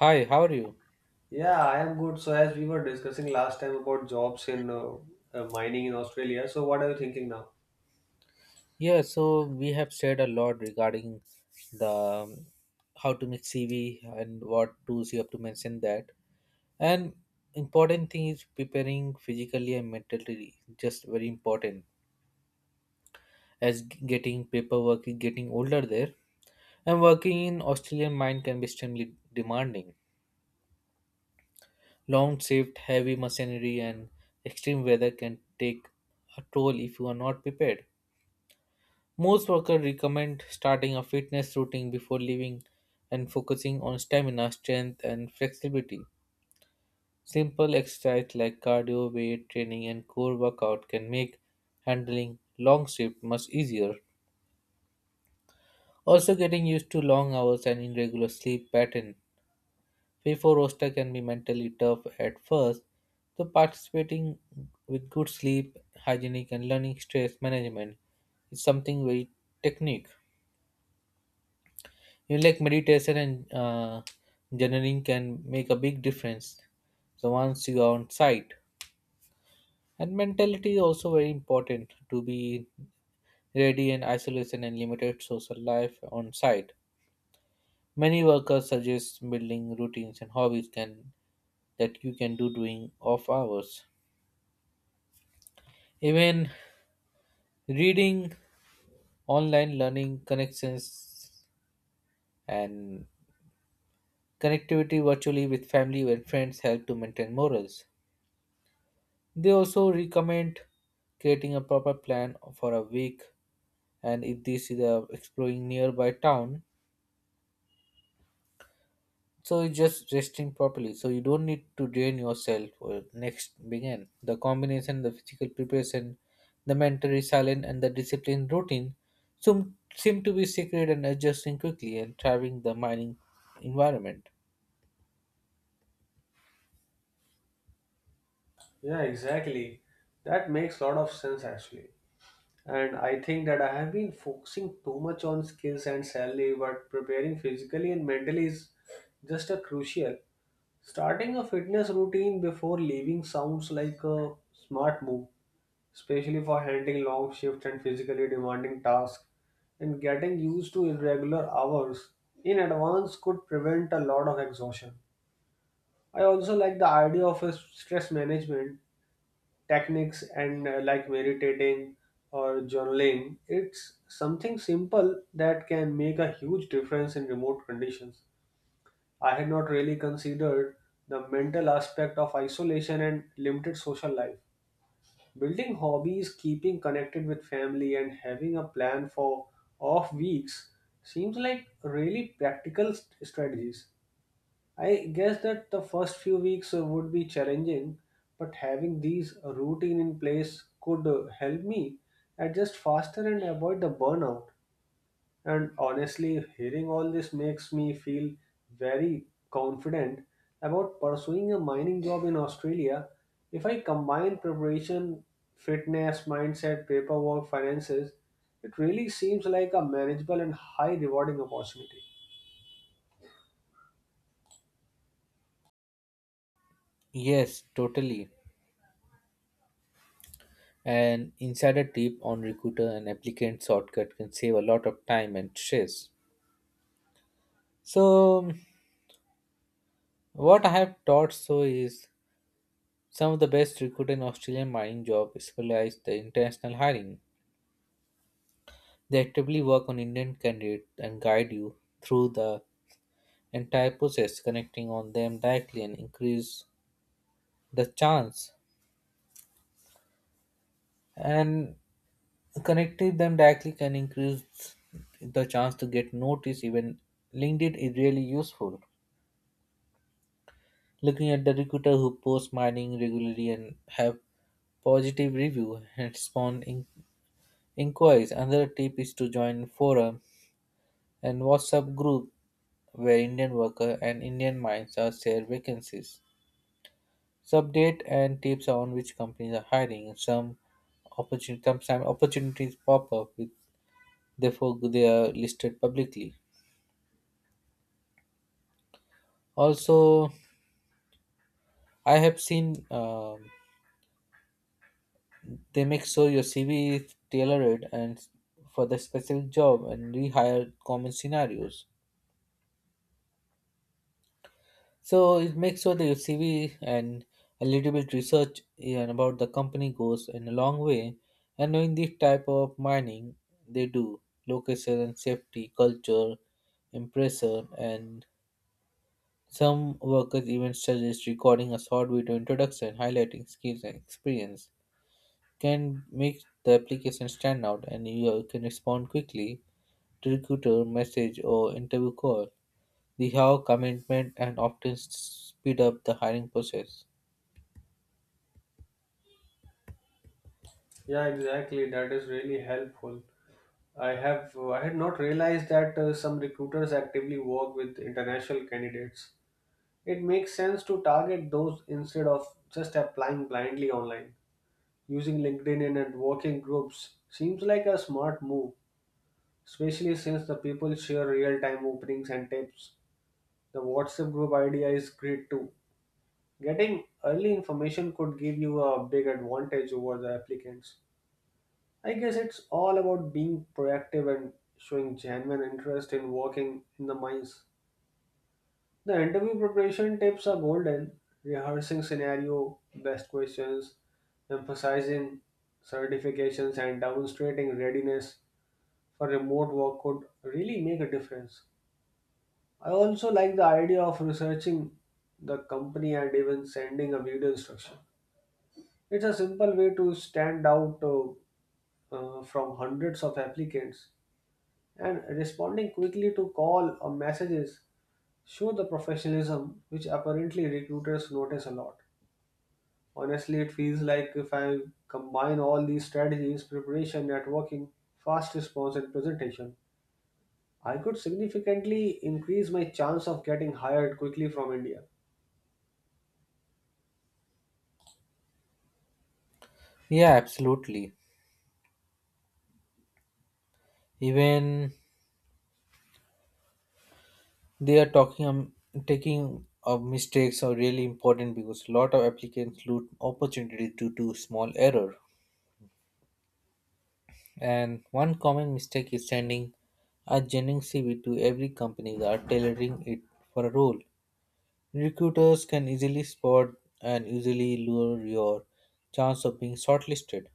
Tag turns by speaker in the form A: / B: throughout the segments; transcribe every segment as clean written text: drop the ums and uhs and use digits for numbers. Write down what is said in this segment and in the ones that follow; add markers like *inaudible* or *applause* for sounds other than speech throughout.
A: Hi, how are you?
B: Yeah, I am good. So, as we were discussing last time about jobs in mining in Australia, so what are you thinking now?
A: Yeah, so we have shared a lot regarding the how to make CV and what tools you have to mention that. And important thing is preparing physically and mentally, just very important. Getting paperwork is getting older there, and working in Australian mine can be extremely demanding. Long shift, heavy machinery, and extreme weather can take a toll if you are not prepared. Most workers recommend starting a fitness routine before leaving and focusing on stamina, strength, and flexibility. Simple exercise like cardio, weight training, and core workout can make handling long shifts much easier. Also, getting used to long hours and irregular sleep pattern. Before roster can be mentally tough at first, so participating with good sleep, hygienic, and learning stress management is something very technique. You know, like meditation and journaling can make a big difference. So once you are on site, and mentality is also very important to be ready in isolation and limited social life on site. Many workers suggest building routines and hobbies can that you can do during off hours. Even reading, online learning, connections, and connectivity virtually with family and friends help to maintain morals. They also recommend creating a proper plan for a week, and if this is exploring nearby town, so it's just resting properly. So you don't need to drain yourself or next begin. The combination, the physical preparation, the mental resilience and the disciplined routine seem to be secret and adjusting quickly and thriving the mining environment.
B: Yeah, exactly. That makes a lot of sense actually. And I think that I have been focusing too much on skills and salary, but preparing physically and mentally is just a crucial. Starting a fitness routine before leaving sounds like a smart move, especially for handling long shifts and physically demanding tasks. And getting used to irregular hours in advance could prevent a lot of exhaustion. I also like the idea of a stress management techniques and like meditating or journaling. It's something simple that can make a huge difference in remote conditions. I had not really considered the mental aspect of isolation and limited social life. Building hobbies, keeping connected with family, and having a plan for off weeks seems like really practical strategies. I guess that the first few weeks would be challenging, but having these routine in place could help me adjust faster and avoid the burnout. And honestly, hearing all this makes me feel very confident about pursuing a mining job in Australia. If I combine preparation, fitness, mindset, paperwork, finances, it really seems like a manageable and high rewarding opportunity.
A: Yes, totally. An insider tip on recruiter and applicant shortcut can save a lot of time and stress. So, what I have taught so is some of the best recruiters in Australian mining job specialize the international hiring. They actively work on Indian candidates and guide you through the entire process, connecting on them directly and increase the chance. And connecting them directly can increase the chance to get noticed. Even LinkedIn is really useful. Looking at the recruiter who post mining regularly and have positive review and spawn inquiries. Another tip is to join forum and WhatsApp group where Indian worker and Indian minds are share vacancies. Subdate and tips on which companies are hiring. Some opportunities, sometimes opportunities pop up with therefore they are listed publicly. Also, I have seen they make sure your CV is tailored and for the specific job and rehire common scenarios. So it makes sure that your CV and a little bit research, yeah, and about the company goes in a long way. And knowing the type of mining they do, location and safety, culture, impressor, and some workers even suggest recording a short video introduction highlighting skills and experience can make the application stand out, and you can respond quickly to recruiter message or interview call. The how commitment and often speed up the hiring process.
B: Yeah, exactly. That is really helpful. I had not realized that some recruiters actively work with international candidates. It makes sense to target those instead of just applying blindly online. Using LinkedIn and working groups seems like a smart move, especially since the people share real time openings and tips. The WhatsApp group idea is great too. Getting early information could give you a big advantage over the applicants. I guess it's all about being proactive and showing genuine interest in working in the mines. The interview preparation tips are golden. Rehearsing scenario, best questions, emphasizing certifications and demonstrating readiness for remote work could really make a difference. I also like the idea of researching the company and even sending a video instruction. It's a simple way to stand out from hundreds of applicants, and responding quickly to call or messages show the professionalism which apparently recruiters notice a lot. Honestly, it feels like if I combine all these strategies preparation, networking, fast response, and presentation, I could significantly increase my chance of getting hired quickly from India.
A: Yeah, absolutely. Even they are talking taking of mistakes are really important because a lot of applicants lose opportunity due to small error. And one common mistake is sending a genuine CV to every company without tailoring it for a role. Recruiters can easily spot and easily lower your chance of being shortlisted.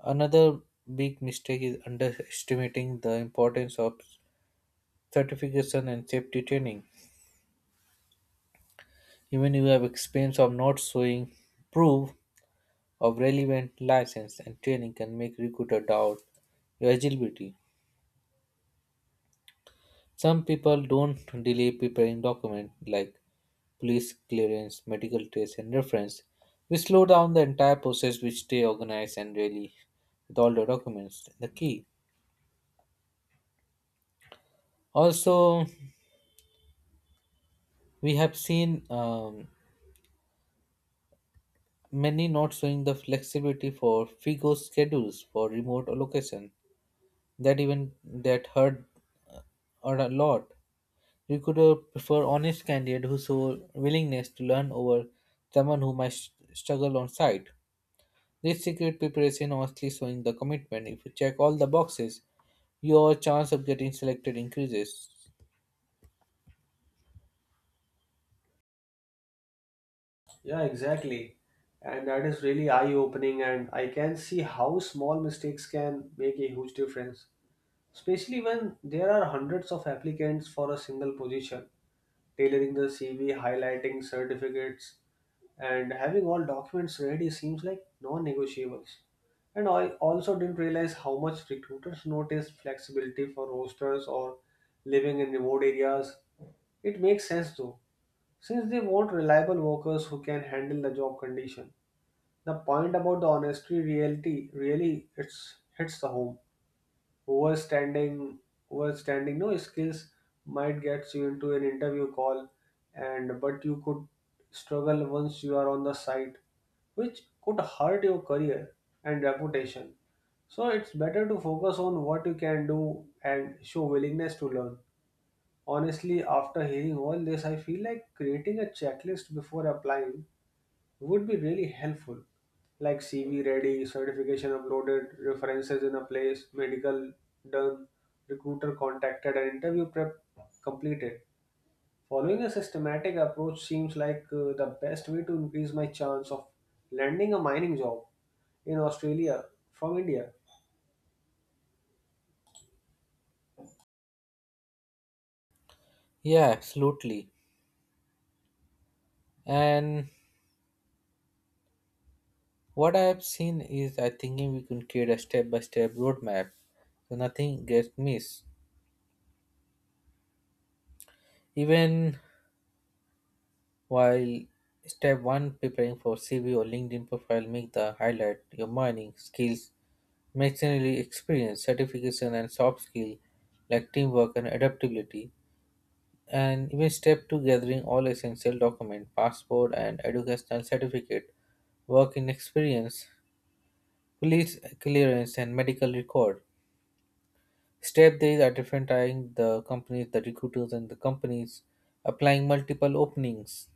A: Another big mistake is underestimating the importance of certification and safety training. Even if you have experience of not showing proof of relevant license and training can make recruiter doubt your eligibility. Some people don't delay preparing documents like police clearance, medical tests, and reference. We slow down the entire process, which stay organized and really with all the documents. The key. Also, we have seen many not showing the flexibility for FIGO schedules for remote allocation. That even that hurt or a lot. We could prefer honest candidate who show willingness to learn over someone who might struggle on site. This secret preparation honestly showing the commitment. If you check all the boxes, your chance of getting selected increases.
B: Yeah, exactly. And that is really eye opening, and I can see how small mistakes can make a huge difference, especially when there are hundreds of applicants for a single position. Tailoring the CV, highlighting certificates, and having all documents ready seems like non negotiables. And I also didn't realize how much recruiters notice flexibility for rosters or living in remote areas. It makes sense though, since they want reliable workers who can handle the job condition. The point about the honesty reality really it's hits the home. Overstanding Overstanding no skills might get you into an interview call, and but you could struggle once you are on the site, which could hurt your career and reputation. So it's better to focus on what you can do and show willingness to learn. Honestly, after hearing all this, I feel like creating a checklist before applying would be really helpful. Like CV ready, certification uploaded, references in a place, medical done, recruiter contacted, and interview prep completed. Following a systematic approach seems like the best way to increase my chance of landing a mining job in Australia from India.
A: Yeah, absolutely. And what I have seen is I thinking we can create a step by step roadmap so nothing gets missed. Even while step one preparing for CV or LinkedIn profile, make the highlight your mining skills. Machinery experience, certification, and soft skills like teamwork and adaptability, and even step to gathering all essential documents, passport and educational certificate, work in experience, police clearance, and medical record. Step these are different tying the companies, the recruiters, and the companies applying multiple openings.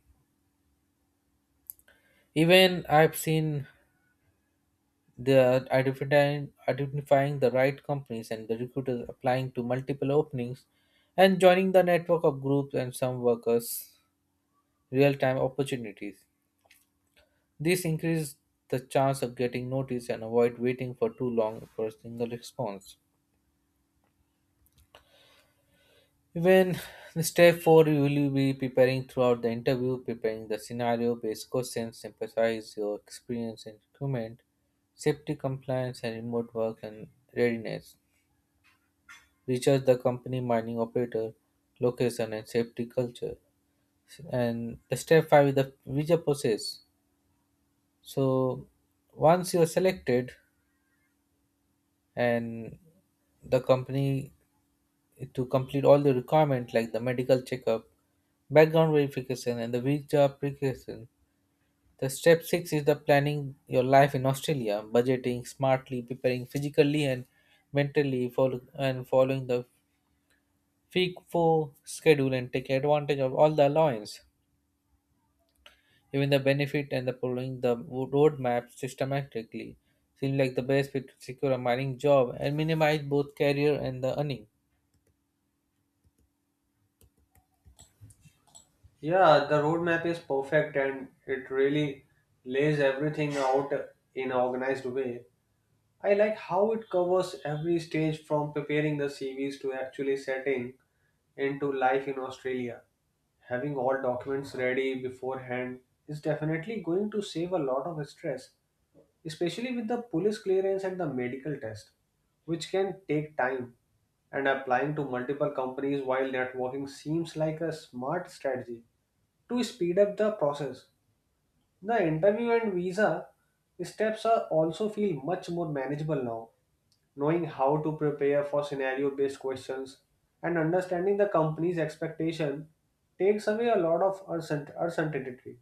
A: Even I've seen they are identifying the right companies and the recruiters applying to multiple openings and joining the network of groups and some workers real time opportunities. This increases the chance of getting noticed and avoid waiting for too long for a single response. Even *sighs* step four, you will be preparing throughout the interview, preparing the scenario based questions, emphasize your experience in recruitment, safety compliance, and remote work and readiness. Research the company mining operator location and safety culture, and the step five is the visa process. So once you are selected and the company to complete all the requirement like the medical checkup, background verification and the visa application, the step six is the planning your life in Australia, budgeting smartly, preparing physically and mentally for and following the Fee for schedule and take advantage of all the allowance, even the benefit and the following the roadmap systematically seem like the best way to secure a mining job and minimize both career and the earning.
B: Yeah, the roadmap is perfect and it really lays everything out in an organized way. I like how it covers every stage from preparing the CVs to actually setting into life in Australia. Having all documents ready beforehand is definitely going to save a lot of stress, especially with the police clearance and the medical test, which can take time. And applying to multiple companies while networking seems like a smart strategy to speed up the process. The interview and visa steps are also feel much more manageable now, knowing how to prepare for scenario based questions and understanding the company's expectation takes away a lot of uncertainty.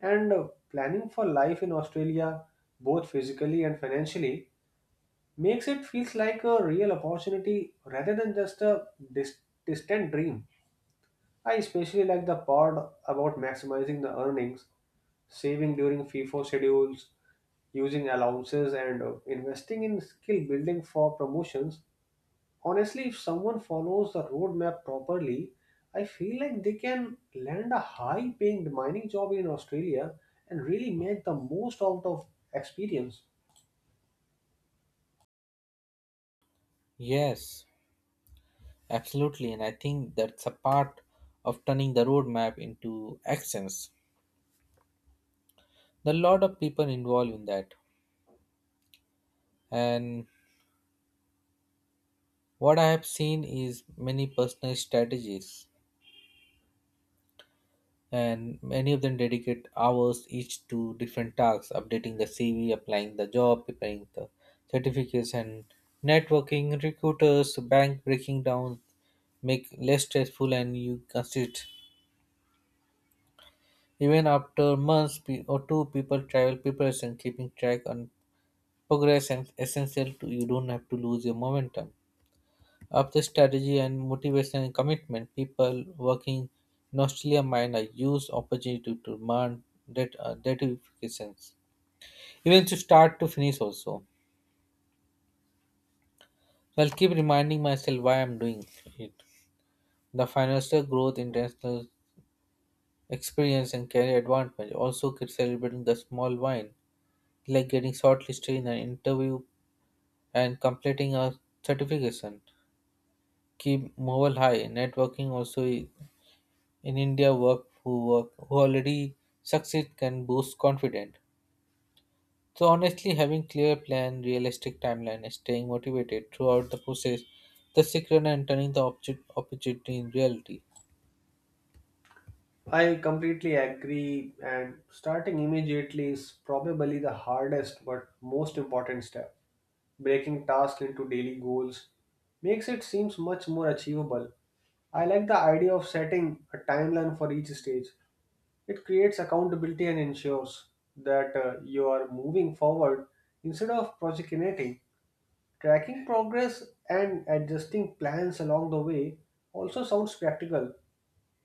B: And planning for life in Australia, both physically and financially, makes it feels like a real opportunity rather than just a dis- distant dream. I especially like the part about maximizing the earnings, saving during FIFO schedules, using allowances, and investing in skill building for promotions. Honestly, if someone follows the roadmap properly, I feel like they can land a high paying mining job in Australia and really make the most out of experience.
A: Yes, absolutely, and I think that's a part of turning the roadmap into actions. There are a lot of people involved in that, and what I have seen is many personal strategies and many of them dedicate hours each to different tasks updating the CV applying the job preparing the certification, networking recruiters bank breaking down make less stressful and you consider even after months or two people travel preparation keeping track on progress and essential to you don't have to lose your momentum. Up the strategy and motivation and commitment, people working in Australia miner use opportunity to demand that ratifications. Even to start to finish also. So I'll keep reminding myself why I'm doing it. The financial growth, international experience and career advancement. Also keep celebrating the small win, like getting shortlisted in an interview and completing a certification. Keep mobile high. Networking also is in India work who already succeed can boost confidence. So honestly, having clear plan, realistic timeline, and staying motivated throughout the process, the secret and turning the object opportunity in reality.
B: I completely agree, and starting immediately is probably the hardest but most important step. Breaking tasks into daily goals makes it seems much more achievable. I like the idea of setting a timeline for each stage. It creates accountability and ensures that you are moving forward instead of procrastinating. Tracking progress and adjusting plans along the way also sounds practical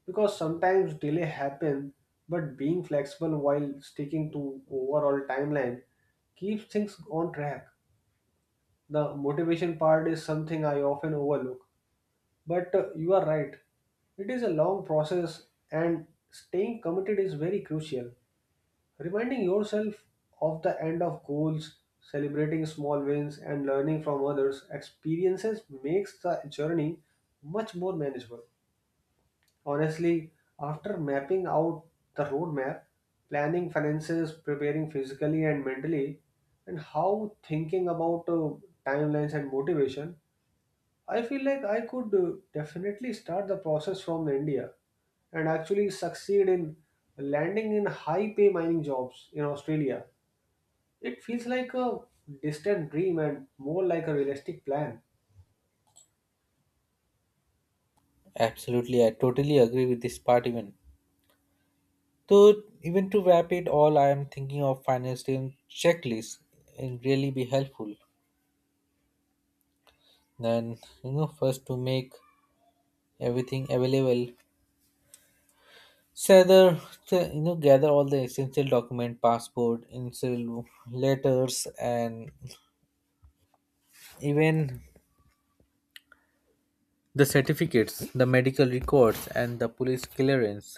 B: because sometimes delay happen, but being flexible while sticking to overall timeline keeps things on track. The motivation part is something I often overlook, but you are right. It is a long process and staying committed is very crucial. Reminding yourself of the end of goals, celebrating small wins, and learning from others' experiences makes the journey much more manageable. Honestly, after mapping out the roadmap, planning finances, preparing physically and mentally, and how thinking about timelines and motivation, I feel like I could definitely start the process from India and actually succeed in landing in high pay mining jobs in Australia. It feels like a distant dream and more like a realistic plan.
A: Absolutely, I totally agree with this part even. So even to wrap it all, I am thinking of financial checklist and really be helpful. Then you know first to make everything available. So the gather all the essential document, passport, initial letters, and even the certificates, the medical records, and the police clearance.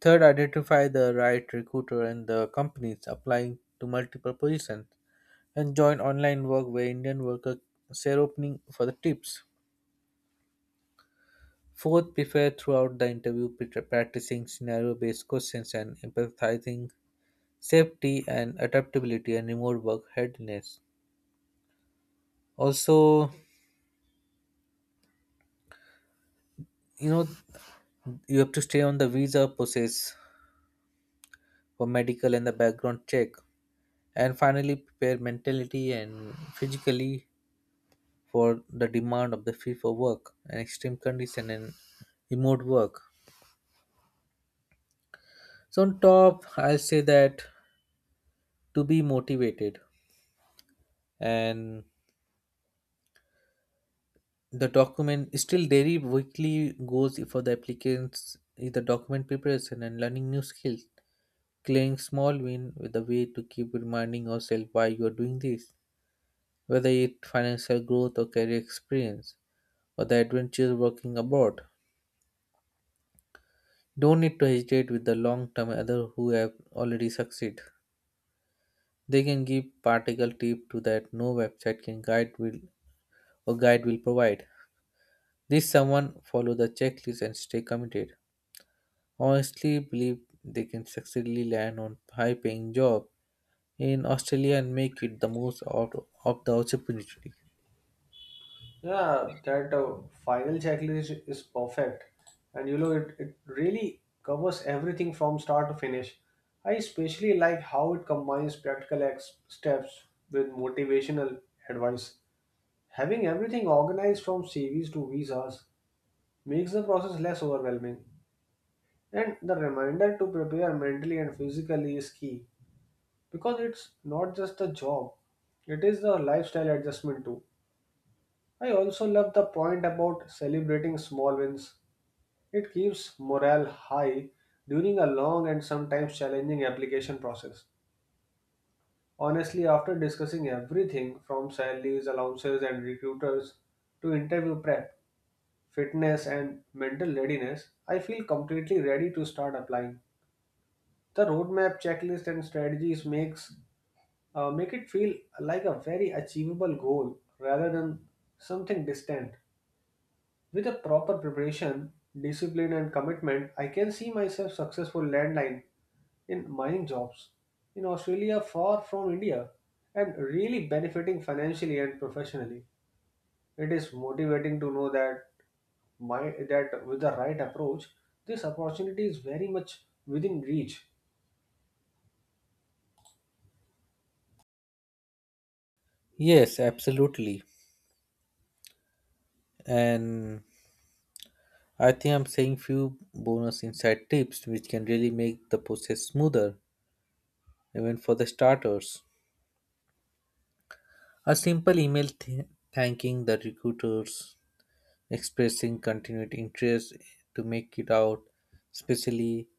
A: Third, identify the right recruiter and the companies applying to multiple positions, and join online work where Indian workers share opening for the tips. Fourth, prepare throughout the interview, practicing scenario-based questions and empathizing safety and adaptability and remote work readiness. Also, you know, you have to stay on the visa process for medical and the background check. And finally, prepare mentally and physically for the demand of the field for work and extreme condition and remote work. So on top, I'll say that to be motivated and the document still daily weekly goes for the applicants is the document preparation and learning new skills. Claiming small win with a way to keep reminding yourself why you're doing this, whether it financial growth or career experience or the adventure working abroad. Don't need to hesitate with the long term other who have already succeed. They can give practical tip to that no website can guide will or guide will provide. This someone follow the checklist and stay committed. Honestly believe they can successfully land on high paying job in Australia and make it the most out of the opportunity.
B: Yeah, that final checklist is perfect. And you know, it really covers everything from start to finish. I especially like how it combines practical steps with motivational advice. Having everything organized from CVs to visas makes the process less overwhelming. And the reminder to prepare mentally and physically is key, because it's not just the job, it is the lifestyle adjustment too. I also love the point about celebrating small wins. It keeps morale high during a long and sometimes challenging application process. Honestly, after discussing everything from salaries, allowances, and recruiters to interview prep, fitness, and mental readiness, I feel completely ready to start applying. The roadmap, checklist, and strategies make it feel like a very achievable goal rather than something distant. With a proper preparation, discipline, and commitment, I can see myself successful landline in mining jobs in Australia, far from India, and really benefiting financially and professionally. It is motivating to know that my that with the right approach, this opportunity is very much within reach.
A: Yes, absolutely. And I think I'm saying few bonus inside tips which can really make the process smoother, even for the starters. A simple email thanking the recruiters, expressing continued interest to make it out, especially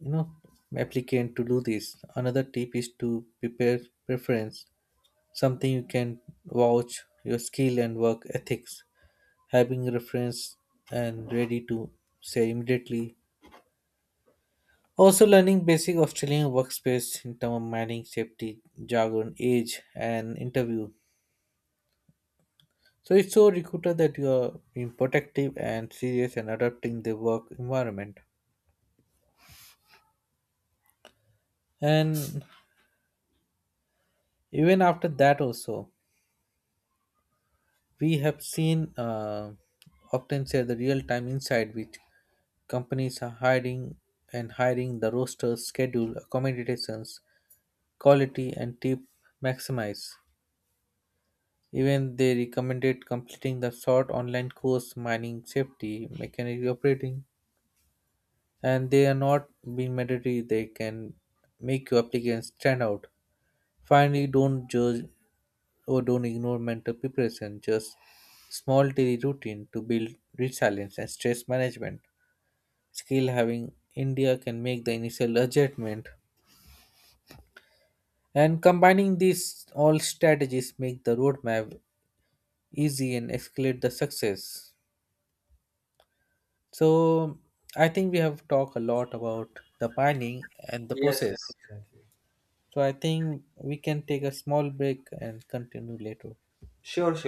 A: you know applicant to do this. Another tip is to prepare preference, something you can vouch your skill and work ethics. Having reference and ready to say immediately. Also, learning basic Australian workspace in terms of manning, safety, jargon, age, and interview. So it shows recruiter that you are being protective and serious and adapting the work environment. And even after that, also we have seen often share the real-time insight which companies are hiring and hiring the roster schedule accommodations, quality, and tip maximize. Even they recommended completing the short online course mining safety, mechanical operating, and they are not being mandatory. They can make your application stand out. Finally, don't judge or don't ignore mental preparation. Just small daily routine to build resilience and stress management. Skill having India can make the initial adjustment. And combining these all strategies make the roadmap easy and escalate the success. So I think we have talked a lot about the planning and the
B: Yes, yeah,
A: process.
B: exactly.
A: So I think we can take a small break and continue later.
B: Sure, sure.